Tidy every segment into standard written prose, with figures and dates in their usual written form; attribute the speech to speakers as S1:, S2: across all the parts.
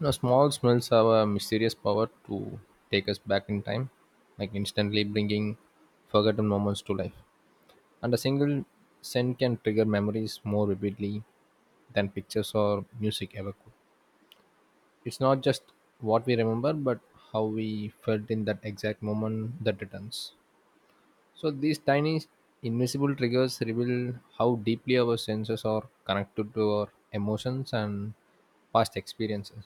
S1: You know, small smells have a mysterious power to take us back in time, like instantly bringing forgotten moments to life. And a single scent can trigger memories more vividly than pictures or music ever could. It's not just what we remember, but how we felt in that exact moment that returns. So these tiny invisible triggers reveal how deeply our senses are connected to our emotions and past experiences.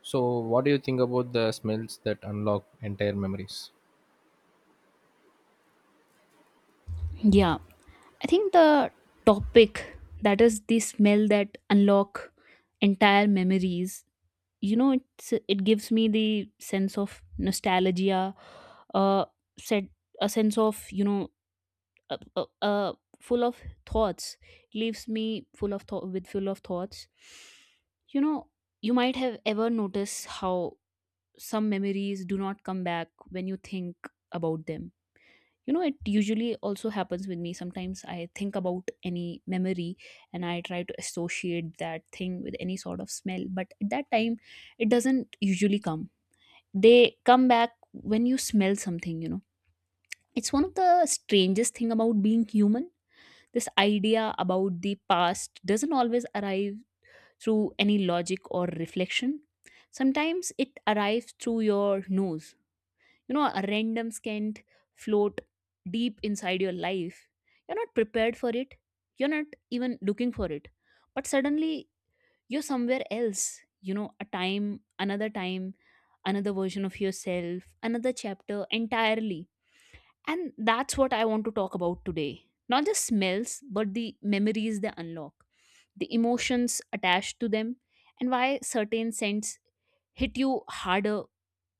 S1: So, what do you think about the smells that unlock entire memories?
S2: Yeah, I think the topic that is the smell that unlock entire memories. You know, it gives me the sense of nostalgia, uh, said a sense of uh, uh, uh full of thoughts. Leaves me full of thought with full of thoughts. You know, you might have ever noticed how some memories do not come back when you think about them. You know, it usually also happens with me. Sometimes I think about any memory and I try to associate that thing with any sort of smell, but at that time it doesn't usually come. They come back when you smell something, you know. It's one of the strangest thing about being human. This idea about the past doesn't always arrive through any logic or reflection. Sometimes it arrives through your nose, you know. A random scant float deep inside your life. You're not prepared for it, you're not even looking for it, but suddenly you're somewhere else. You know, a time, another time, another version of yourself, another chapter entirely. And that's what I want to talk about today. Not just smells, but the memories they unlock, the emotions attached to them, and why certain scents hit you harder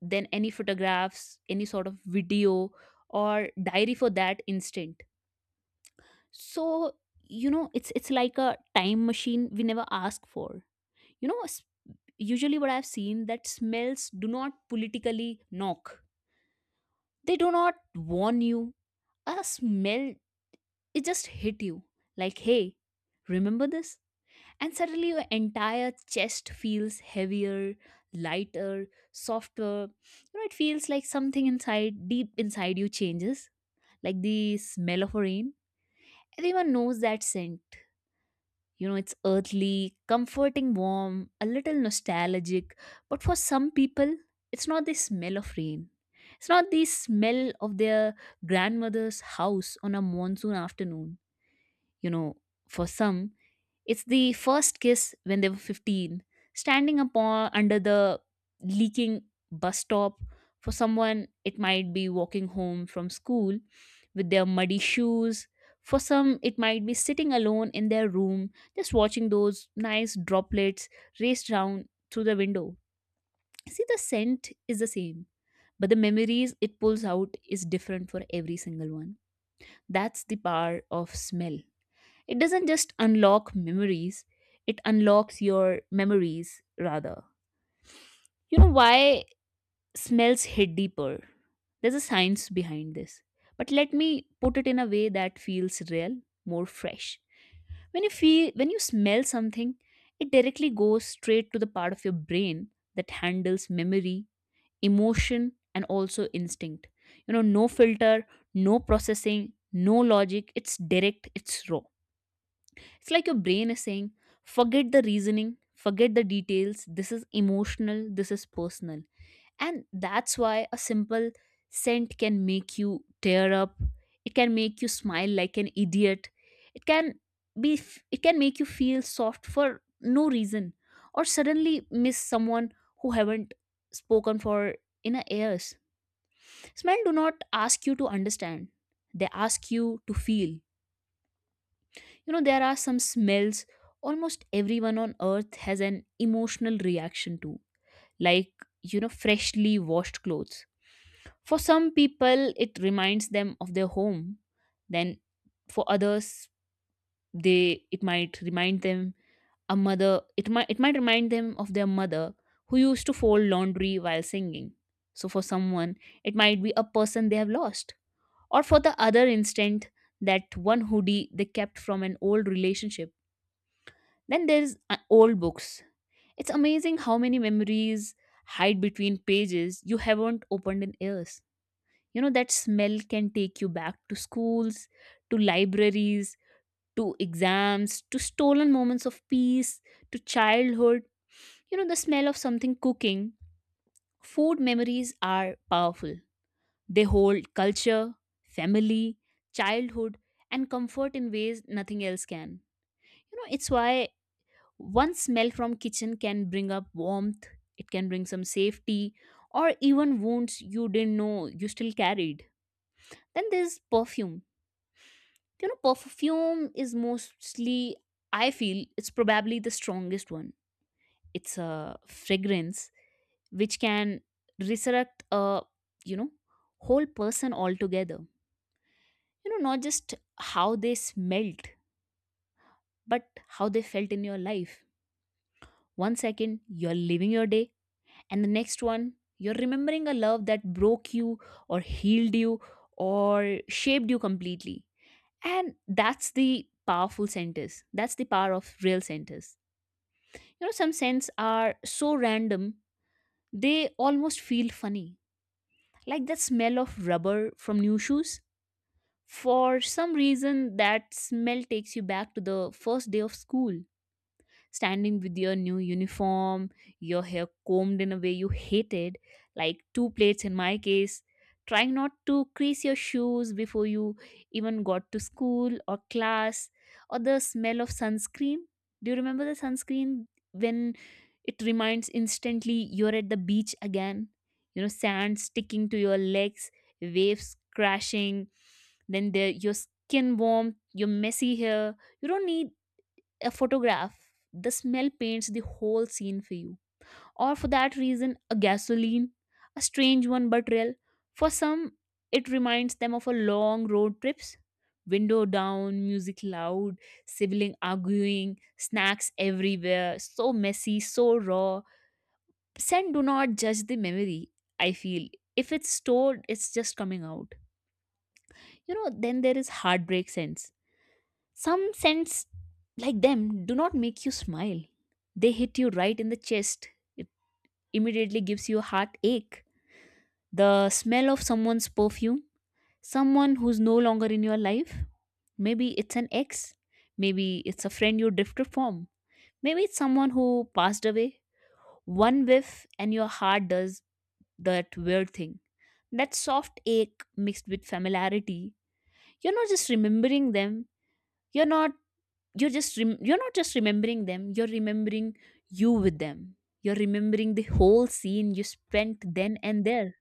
S2: than any photographs, any sort of video, or diary for that instant. So, you know, it's like a time machine we never ask for. You know, s- Usually what I've seen that smells do not politically knock. They do not warn you. A smell, it just hit you like, "Hey, remember this?" And suddenly your entire chest feels heavier, lighter, softer. You know, it feels like something inside, deep inside you changes, like the smell of rain. Everyone knows that scent. You know, it's earthly, comforting, warm, a little nostalgic. But for some people, it's not the smell of rain. It's not the smell of their grandmother's house on a monsoon afternoon. You know, for some, it's the first kiss when they were 15, standing upon under the leaking bus stop. For someone, it might be walking home from school with their muddy shoes. For some, it might be sitting alone in their room, just watching those nice droplets race down through the window. See, the scent is the same, but the memories it pulls out is different for every single one. That's the power of smell. It doesn't just unlock memories, it unlocks your memories rather. You know why smells hit deeper? There's a science behind this. But let me put it in a way that feels real, more fresh. When you smell something, it directly goes straight to the part of your brain that handles memory, emotion, and also instinct. You know, no filter, no processing, no logic. It's direct, it's raw. It's like your brain is saying, forget the reasoning, forget the details. This is emotional, this is personal. And that's why a simple scent can make you tear up. It can make you smile like an idiot. It can it can make you feel soft for no reason, or suddenly miss someone who haven't spoken for in a years. Smell do not ask you to understand. They ask you to feel. You know, there are some smells almost everyone on earth has an emotional reaction to, like, you know, freshly washed clothes. For some people, it reminds them of their home. Then for others, they it might remind them a mother it might remind them of their mother who used to fold laundry while singing. So for someone, it might be a person they have lost. Or for the other instant, that one hoodie they kept from an old relationship. Then there's old books. It's amazing how many memories hide between pages you haven't opened in years. You know, that smell can take you back to schools, to libraries, to exams, to stolen moments of peace, to childhood. You know, the smell of something cooking. Food memories are powerful. They hold culture, family, childhood, and comfort in ways nothing else can. You know, it's why one smell from kitchen can bring up warmth. It can bring some safety, or even wounds you didn't know you still carried. Then there's perfume. You know, perfume is mostly, I feel, it's probably the strongest one. It's a fragrance which can resurrect a, you know, whole person altogether. You know, not just how they smelt, but how they felt in your life. One second you're living your day, and the next one you're remembering a love that broke you, or healed you, or shaped you completely. And that's the powerful centers, that's the power of real centers. You know, some scents are so random they almost feel funny, like the smell of rubber from new shoes. For some reason that smell takes you back to the first day of school, standing with your new uniform, your hair combed in a way you hated, like two plates in my case, trying not to crease your shoes before you even got to school or class. Or the smell of sunscreen. Do you remember the sunscreen when it reminds instantly you're at the beach again? You know, sand sticking to your legs, waves crashing, then the, your skin warm, your messy hair. You don't need a photograph. The smell paints the whole scene for you. Or for that reason, a gasoline, a strange one but real. For some, it reminds them of a long road trips, window down, music loud, sibling arguing, snacks everywhere, so messy, so raw. Scent do not judge the memory, I feel. If it's stored, it's just coming out. You know, then there is heartbreak scents. Some scents like them do not make you smile. They hit you right in the chest. It immediately gives you a heartache. The smell of someone's perfume, someone who's no longer in your life. Maybe it's an ex, maybe it's a friend you drifted from. Maybe it's someone who passed away. One whiff and your heart does that weird thing. That soft ache mixed with familiarity. You're not just remembering them, you're not you're just rem- you're not just remembering them, you're remembering you with them. You're remembering the whole scene you spent then and there,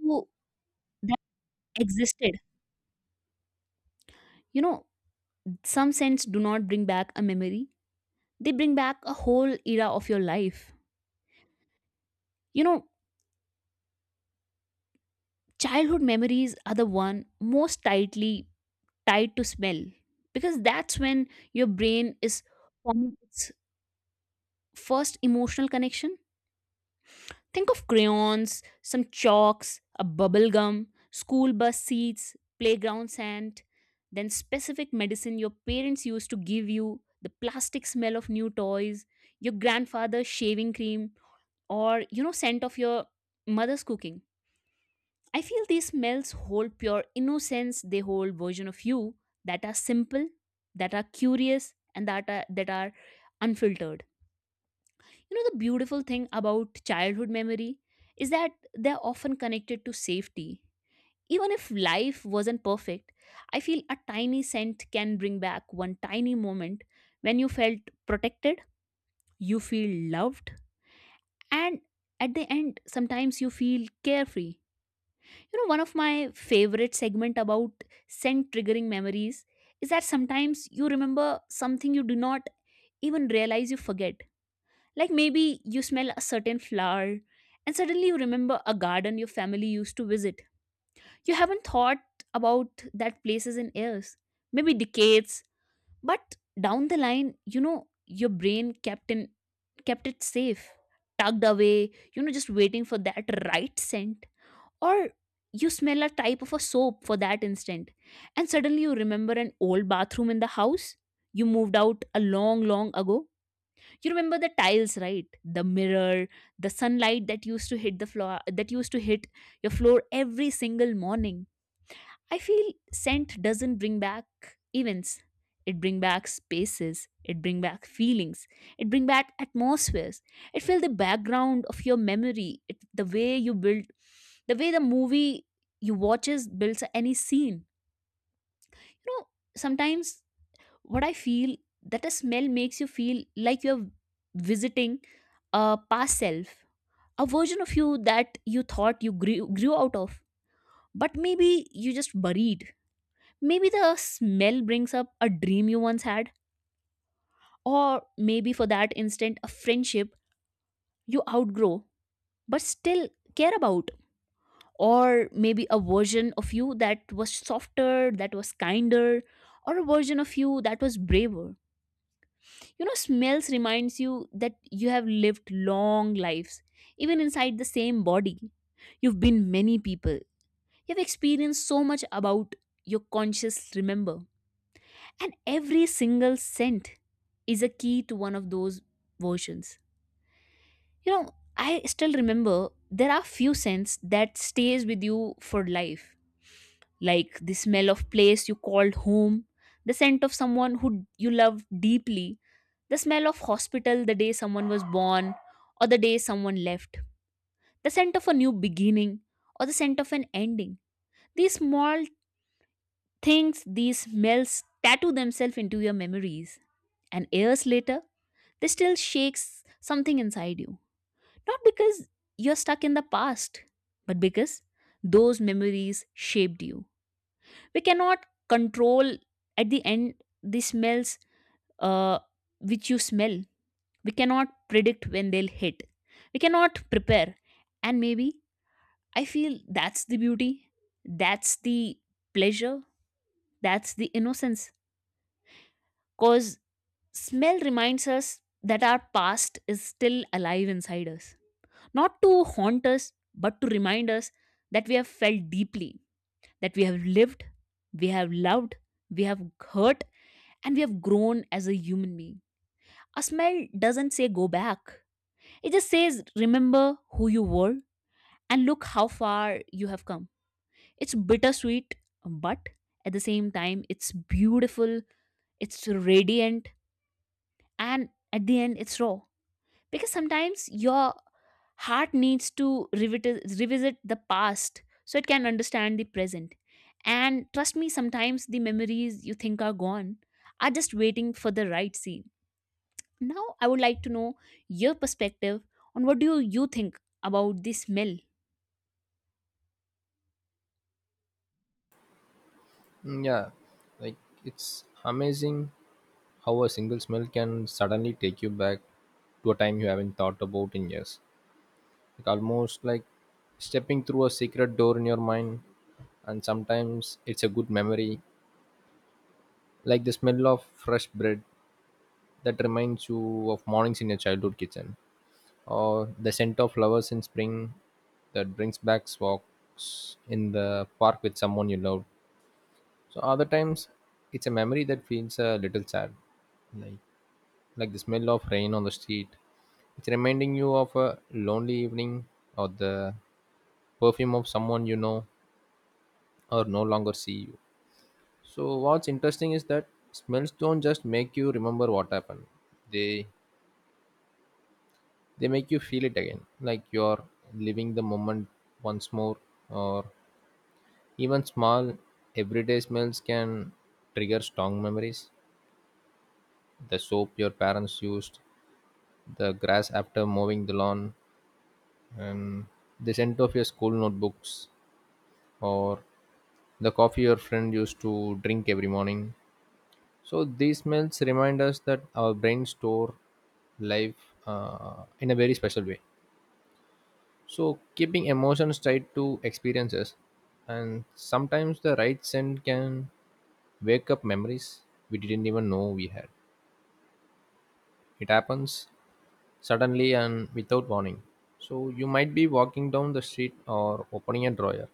S2: who, that existed. You know, some scents do not bring back a memory, they bring back a whole era of your life. You know, childhood memories are the one most tightly tied to smell, because that's when your brain is forming its first emotional connection. Think of crayons, some chalks, a bubble gum, school bus seats, playground sand, then specific medicine your parents used to give you, the plastic smell of new toys, your grandfather's shaving cream, or, you know, scent of your mother's cooking. I feel these smells hold pure innocence, they hold version of you that are simple, that are curious, and that are unfiltered. You know, the beautiful thing about childhood memory is that they're often connected to safety. Even if life wasn't perfect, I feel a tiny scent can bring back one tiny moment when you felt protected, you feel loved, and at the end, sometimes you feel carefree. You know, one of my favorite segment about scent triggering memories is that sometimes you remember something you do not even realize you forget. Like maybe you smell a certain flower and suddenly you remember a garden your family used to visit. You haven't thought about that places in years, maybe decades, but down the line, you know, your brain kept in kept it safe, tucked away, you know, just waiting for that right scent. Or you smell a type of a soap for that instant, and suddenly you remember an old bathroom in the house you moved out a long, long ago. You remember the tiles right, the mirror, the sunlight that used to hit the floor that used to hit your floor every single morning. I feel scent doesn't bring back events, it bring back spaces, it bring back feelings, it bring back atmospheres. It fill the background of your memory it, the way you build, the way the movie you watches builds any scene. You know, sometimes what I feel that a smell makes you feel like you're visiting a past self, a version of you that you thought you grew out of, but maybe you just buried. Maybe the smell brings up a dream you once had, or maybe for that instant, a friendship you outgrow but still care about, or maybe a version of you that was softer, that was kinder, or a version of you that was braver. You know, smells reminds you that you have lived long lives even inside the same body. You've been many people, you've experienced so much about your conscious remember, and every single scent is a key to one of those versions. You know, I still remember there are few scents that stays with you for life, like the smell of place you called home, the scent of someone who you loved deeply, the smell of hospital the day someone was born or the day someone left, the scent of a new beginning or the scent of an ending. These small things, these smells tattoo themselves into your memories, and years later, they still shakes something inside you. Not because you're stuck in the past, but because those memories shaped you. We cannot control at the end the smells uh, which you smell. We cannot predict when they'll hit. We cannot prepare. And maybe I feel that's the beauty, that's the pleasure, that's the innocence. Because smell reminds us that our past is still alive inside us. Not to haunt us, but to remind us that we have felt deeply, that we have lived, we have loved, we have hurt, and we have grown as a human being. A smell doesn't say go back. It just says, remember who you were and look how far you have come. It's bittersweet, but at the same time, it's beautiful, it's radiant, and at the end, it's raw. Because sometimes your heart needs to revisit the past so it can understand the present. And trust me, sometimes the memories you think are gone are just waiting for the right scene. Now, I would like to know your perspective on what do you think about the smell.
S1: Mm, yeah, like it's amazing how a single smell can suddenly take you back to a time you haven't thought about in years. Like almost like stepping through a secret door in your mind, and sometimes it's a good memory, like the smell of fresh bread that reminds you of mornings in your childhood kitchen, or the scent of flowers in spring that brings back walks in the park with someone you love. So other times, it's a memory that feels a little sad, like like the smell of rain on the street. It's reminding you of a lonely evening, or the perfume of someone you know or no longer see you. So what's interesting is that smells don't just make you remember what happened. They they make you feel it again, like you're living the moment once more. Or even small everyday smells can trigger strong memories: the soap your parents used, the grass after mowing the lawn, and the scent of your school notebooks, or the coffee your friend used to drink every morning. So these smells remind us that our brains store life in a very special way, So, keeping emotions tied to experiences, and sometimes the right scent can wake up memories we didn't even know we had. It happens suddenly and without warning. So, you might be walking down the street or opening a drawer,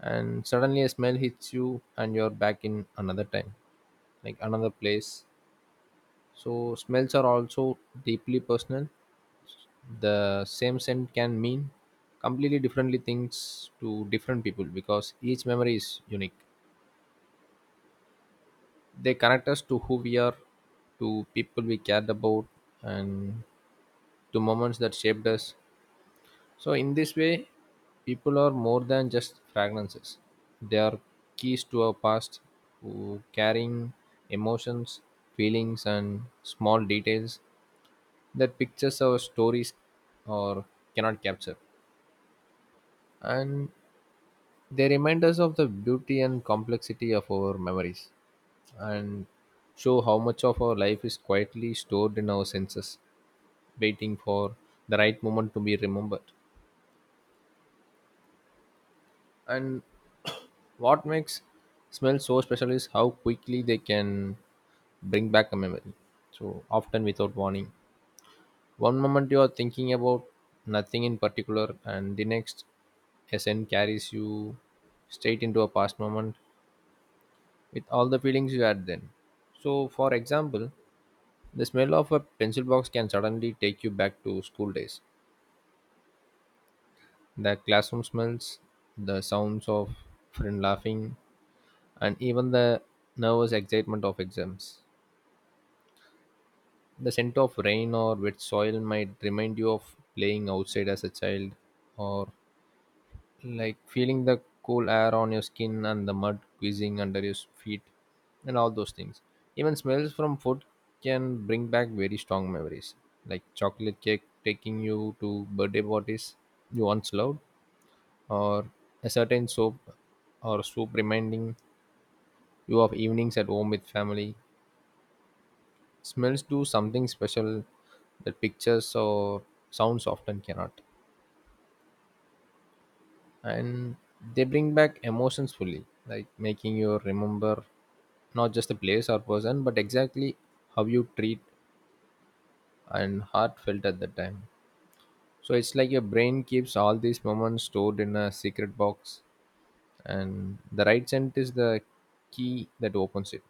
S1: and suddenly a smell hits you, and you're back in another time, like another place. So, smells are also deeply personal. The same scent can mean completely differently things to different people, because each memory is unique. They connect us to who we are, to people we cared about, and to moments that shaped us. So in this way, people are more than just fragrances. They are keys to our past, to carrying emotions, feelings and small details that pictures our stories or cannot capture. And they remind us of the beauty and complexity of our memories and show how much of our life is quietly stored in our senses, waiting for the right moment to be remembered. And what makes smells so special is how quickly they can bring back a memory, so often without warning. One moment you are thinking about nothing in particular, and the next, a scent carries you straight into a past moment with all the feelings you had then. So, for example, the smell of a pencil box can suddenly take you back to school days: the classroom smells, the sounds of friend laughing, and even the nervous excitement of exams. The scent of rain or wet soil might remind you of playing outside as a child, or like feeling the cool air on your skin and the mud quizzing under your feet and all those things. Even smells from food can bring back very strong memories, like chocolate cake taking you to birthday parties you once loved, or a certain soap or soup reminding you of evenings at home with family. Smells do something special that pictures or sounds often cannot, and they bring back emotions fully, like making you remember not just the place or person but exactly how you treat and heart felt at that time. So it's like your brain keeps all these moments stored in a secret box, and the right scent is the key that opens it.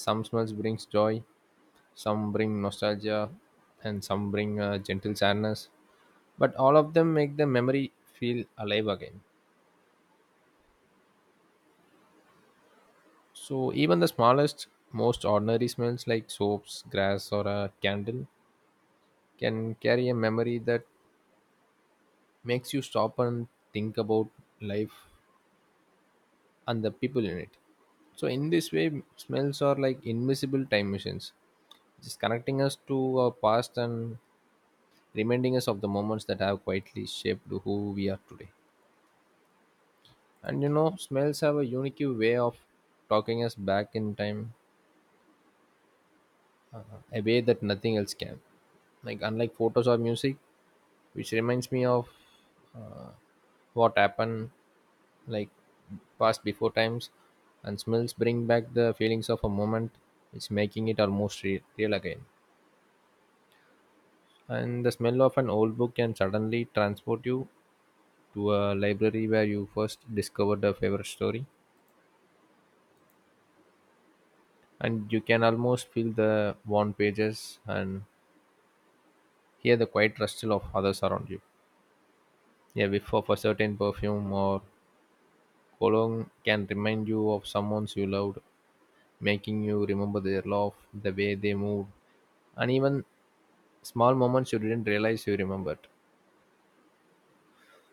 S1: Some smells brings joy, some bring nostalgia, and some bring a gentle sadness, but all of them make the memory feel alive again. So even the smallest, most ordinary smells, like soaps, grass, or a candle, can carry a memory that makes you stop and think about life and the people in it. So, in this way, smells are like invisible time machines, just connecting us to our past and reminding us of the moments that have quietly shaped who we are today. And you know, smells have a unique way of talking us back in time, a way that nothing else can. Like, unlike photos or music, which reminds me of uh, what happened, like past before times, and smells bring back the feelings of a moment, it's making it almost real again. And the smell of an old book can suddenly transport you to a library where you first discovered a favorite story, and you can almost feel the worn pages and hear the quiet rustle of others around you. A whiff of a certain perfume or cologne can remind you of someone you loved, making you remember their love, the way they moved, and even small moments you didn't realize you remembered.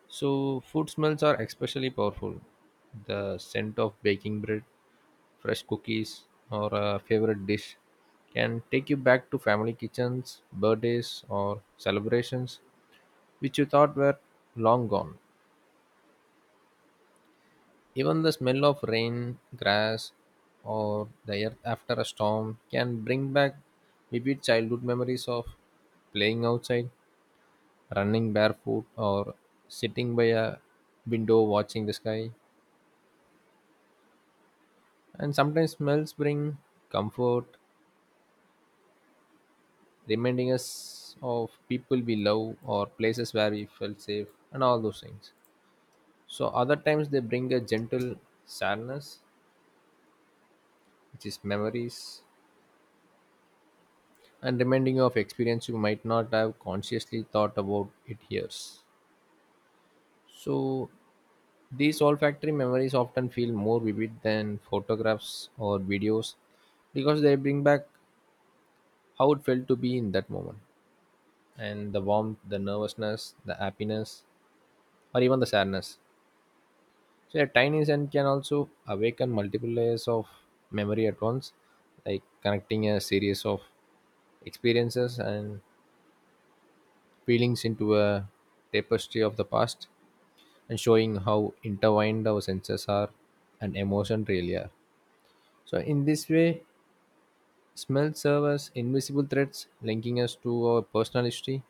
S1: So, food smells are especially powerful. The scent of baking bread, fresh cookies, or a favorite dish can take you back to family kitchens, birthdays, or celebrations which you thought were long gone. Even the smell of rain, grass, or the earth after a storm can bring back vivid childhood memories of playing outside, running barefoot, or sitting by a window watching the sky. And sometimes smells bring comfort, reminding us of people we love or places where we felt safe and all those things. So other times they bring a gentle sadness, which is memories, and reminding you of experience you might not have consciously thought about it years. So these olfactory memories often feel more vivid than photographs or videos, because they bring back how it felt to be in that moment, and the warmth, the nervousness, the happiness, or even the sadness. So, a tiny scent can also awaken multiple layers of memory at once, like connecting a series of experiences and feelings into a tapestry of the past, and showing how intertwined our senses are and emotion really are. So, in this way, smells serve as invisible threads, linking us to our personal history,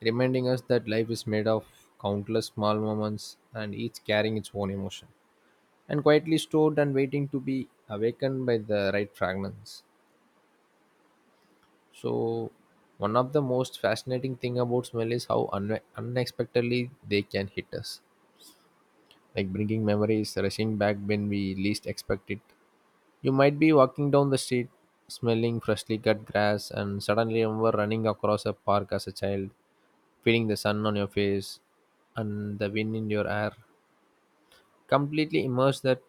S1: reminding us that life is made of countless small moments, and each carrying its own emotion, and quietly stored and waiting to be awakened by the right fragrance. So, one of the most fascinating thing about smell is how unexpectedly they can hit us, like bringing memories rushing back when we least expect it. You might be walking down the street smelling freshly cut grass and suddenly remember running across a park as a child, feeling the sun on your face and the wind in your hair. Completely immerse that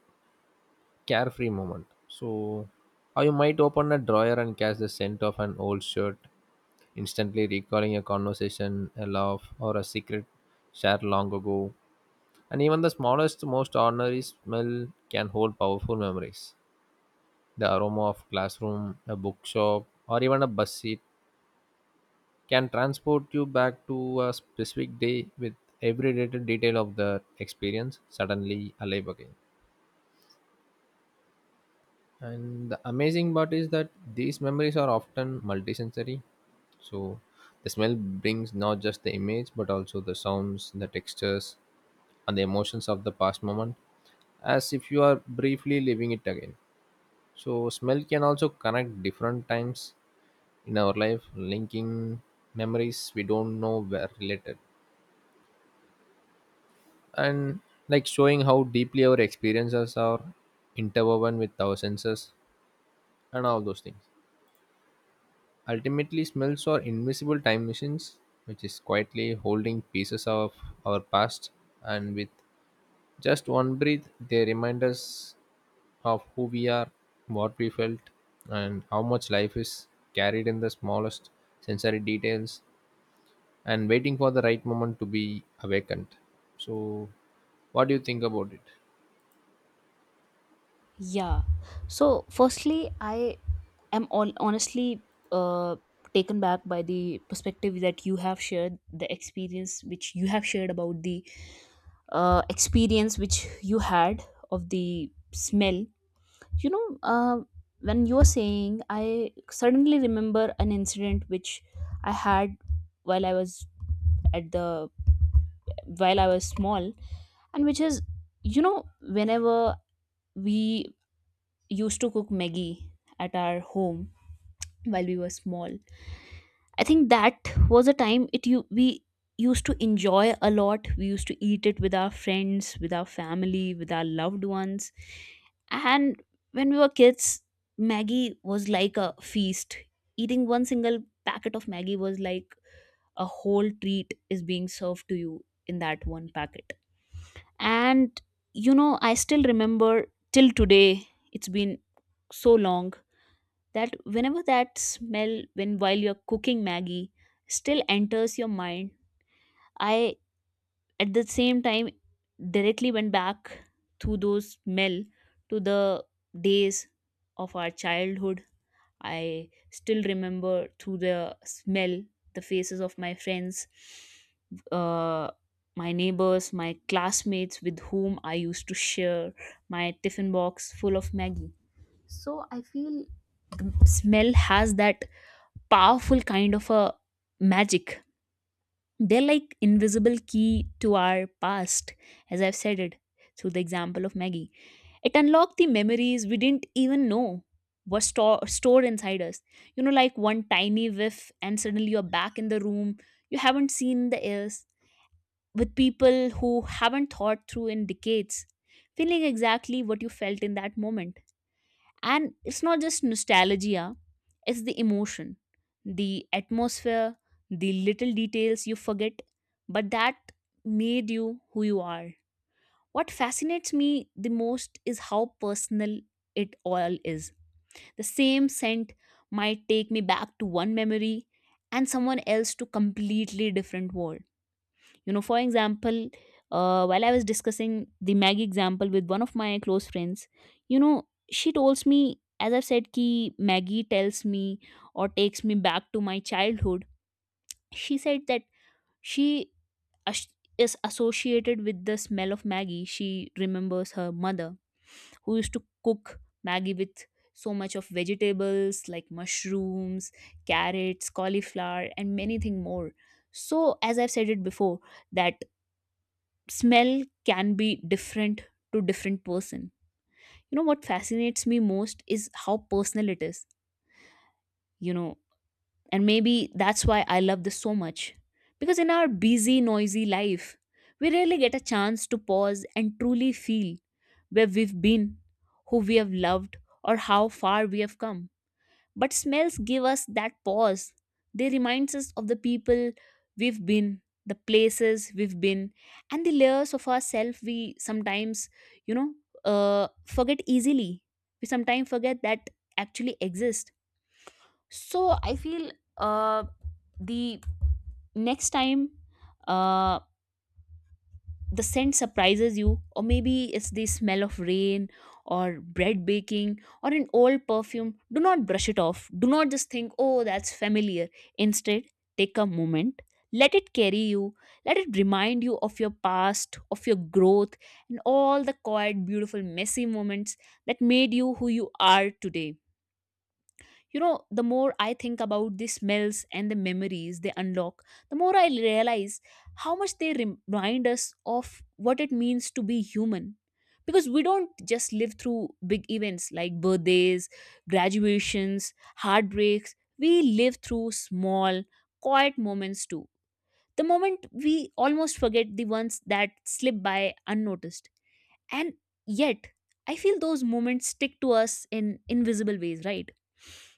S1: carefree moment. So, or you might open a drawer and catch the scent of an old shirt, instantly recalling a conversation, a laugh, or a secret shared long ago. And even the smallest, most ordinary smell can hold powerful memories. The aroma of classroom, a bookshop, or even a bus seat can transport you back to a specific day with every little detail of the experience suddenly alive again. And the amazing part is that these memories are often multisensory. So the smell brings not just the image but also the sounds, the textures, and the emotions of the past moment, as if you are briefly living it again. So smell can also connect different times in our life, linking memories we don't know were related, and like showing how deeply our experiences are interwoven with our senses and all those things. Ultimately, smells are invisible time machines, which is quietly holding pieces of our past, and with just one breath they remind us of who we are, what we felt, and how much life is carried in the smallest sensory details, and waiting for the right moment to be awakened. So, what do you think about it?
S2: Yeah. So, firstly, I am all honestly uh, taken back by the perspective that you have shared, the experience which you have shared about the experience which you had of the smell. You know, when you were saying, I suddenly remember an incident which I had while I was at the while I was small, and which is, you know, whenever we used to cook Maggie at our home while we were small. I think that was a time it you we used to enjoy a lot. We used to eat it with our friends, with our family, with our loved ones. And when we were kids, Maggie was like a feast. Eating one single packet of Maggie was like a whole treat is being served to you in that one packet. And you know, I still remember till today, it's been so long that whenever that smell when while you're cooking Maggie still enters your mind, I at the same time directly went back through those smell to the days of our childhood. I still remember through the smell the faces of my friends, uh, my neighbors, my classmates with whom I used to share my tiffin box full of Maggie. So I feel the smell has that powerful kind of a magic. They're like invisible key to our past, as I've said it through the example of Maggie. It unlocked the memories we didn't even know stored inside us. You know, like one tiny whiff, and suddenly you're back in the room you haven't seen in the years with people who haven't thought through in decades, feeling exactly what you felt in that moment. And it's not just nostalgia, it's the emotion, the atmosphere, the little details you forget, but that made you who you are. What fascinates me the most is how personal it all is. The same scent might take me back to one memory and someone else to completely different world. You know, for example, while I was discussing the Maggie example with one of my close friends, you know, she tells me, as I've said, ki Maggie tells me or takes me back to my childhood. She said that she as- is associated with the smell of Maggie. She remembers her mother who used to cook Maggie with so much of vegetables like mushrooms, carrots, cauliflower, and many thing more. So, as I've said it before, that smell can be different to different person. You know, what fascinates me most is how personal it is. You know, and maybe that's why I love this so much, because in our busy noisy life we rarely get a chance to pause and truly feel where we've been, who we have loved, or how far we have come. But smells give us that pause. They remind us of the people we've been, the places we've been, and the layers of ourselves we sometimes, you know, forget easily. We sometimes forget that actually exist. So I feel uh, the next time uh, the scent surprises you, or maybe it's the smell of rain or bread baking or an old perfume, do not brush it off, do not just think oh that's familiar. Instead, take a moment, let it carry you, let it remind you of your past, of your growth, and all the quiet beautiful messy moments that made you who you are today. You know, the more I think about the smells and the memories they unlock, the more I realize how much they remind us of what it means to be human. Because we don't just live through big events like birthdays, graduations, heartbreaks, we live through small, quiet moments too. The moment we almost forget the ones that slip by unnoticed. And yet, I feel those moments stick to us in invisible ways, right?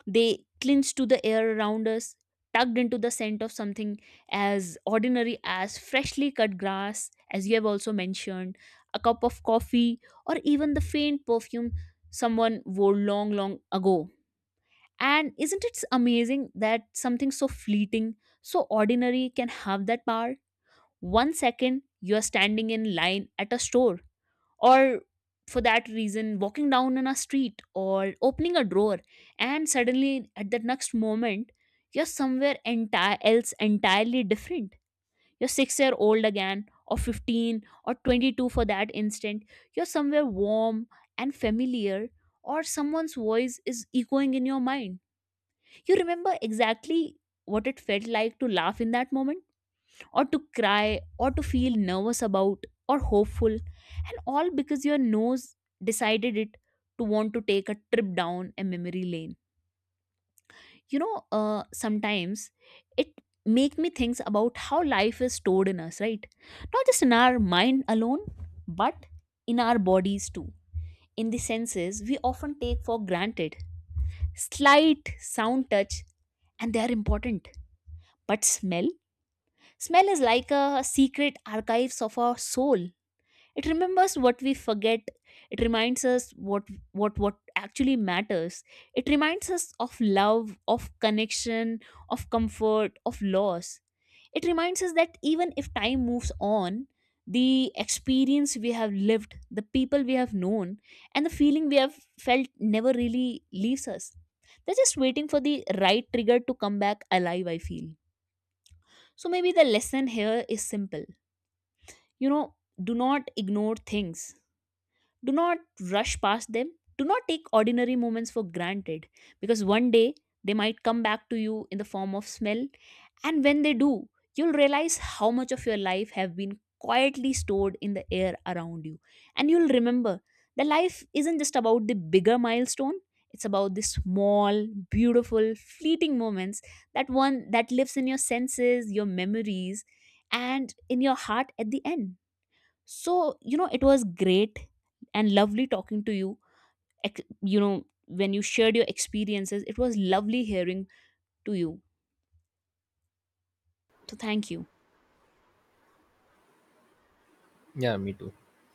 S2: They clinch to the air around us, tugged into the scent of something as ordinary as freshly cut grass, as you have also mentioned, a cup of coffee, or even the faint perfume someone wore long, long ago. And isn't it amazing that something so fleeting, so ordinary can have that power? One second, you are standing in line at a store or for that reason walking down on a street or opening a drawer, and suddenly at that next moment you're somewhere entire else entirely different. You're 6-year-old again or 15 or 22. For that instant, you're somewhere warm and familiar, or someone's voice is echoing in your mind. You remember exactly what it felt like to laugh in that moment, or to cry or to feel nervous about or hopeful, and all because your nose decided it to want to take a trip down a memory lane. You know, sometimes it make me think about how life is stored in us, right? Not just in our mind alone, but in our bodies too, in the senses we often take for granted, slight sound touch, and they are important. But smell, smell is like a secret archives of our soul. It remembers what we forget. It reminds us what actually matters. It reminds us of love, of connection, of comfort, of loss. It reminds us that even if time moves on, the experience we have lived, the people we have known, and the feeling we have felt never really leaves us. They're just waiting for the right trigger to come back alive, I feel. So maybe the lesson here is simple. You know, do not ignore things, do not rush past them. Do not take ordinary moments for granted, because one day they might come back to you in the form of smell. And when they do, you'll realize how much of your life have been quietly stored in the air around you. And you'll remember that life isn't just about the bigger milestone, it's about the small, beautiful, fleeting moments that one that lives in your senses, your memories, and in your heart at the end. So you know it was great and lovely talking to you. You know, when you shared your experiences it was lovely hearing to you. So thank you.
S1: Yeah, me too.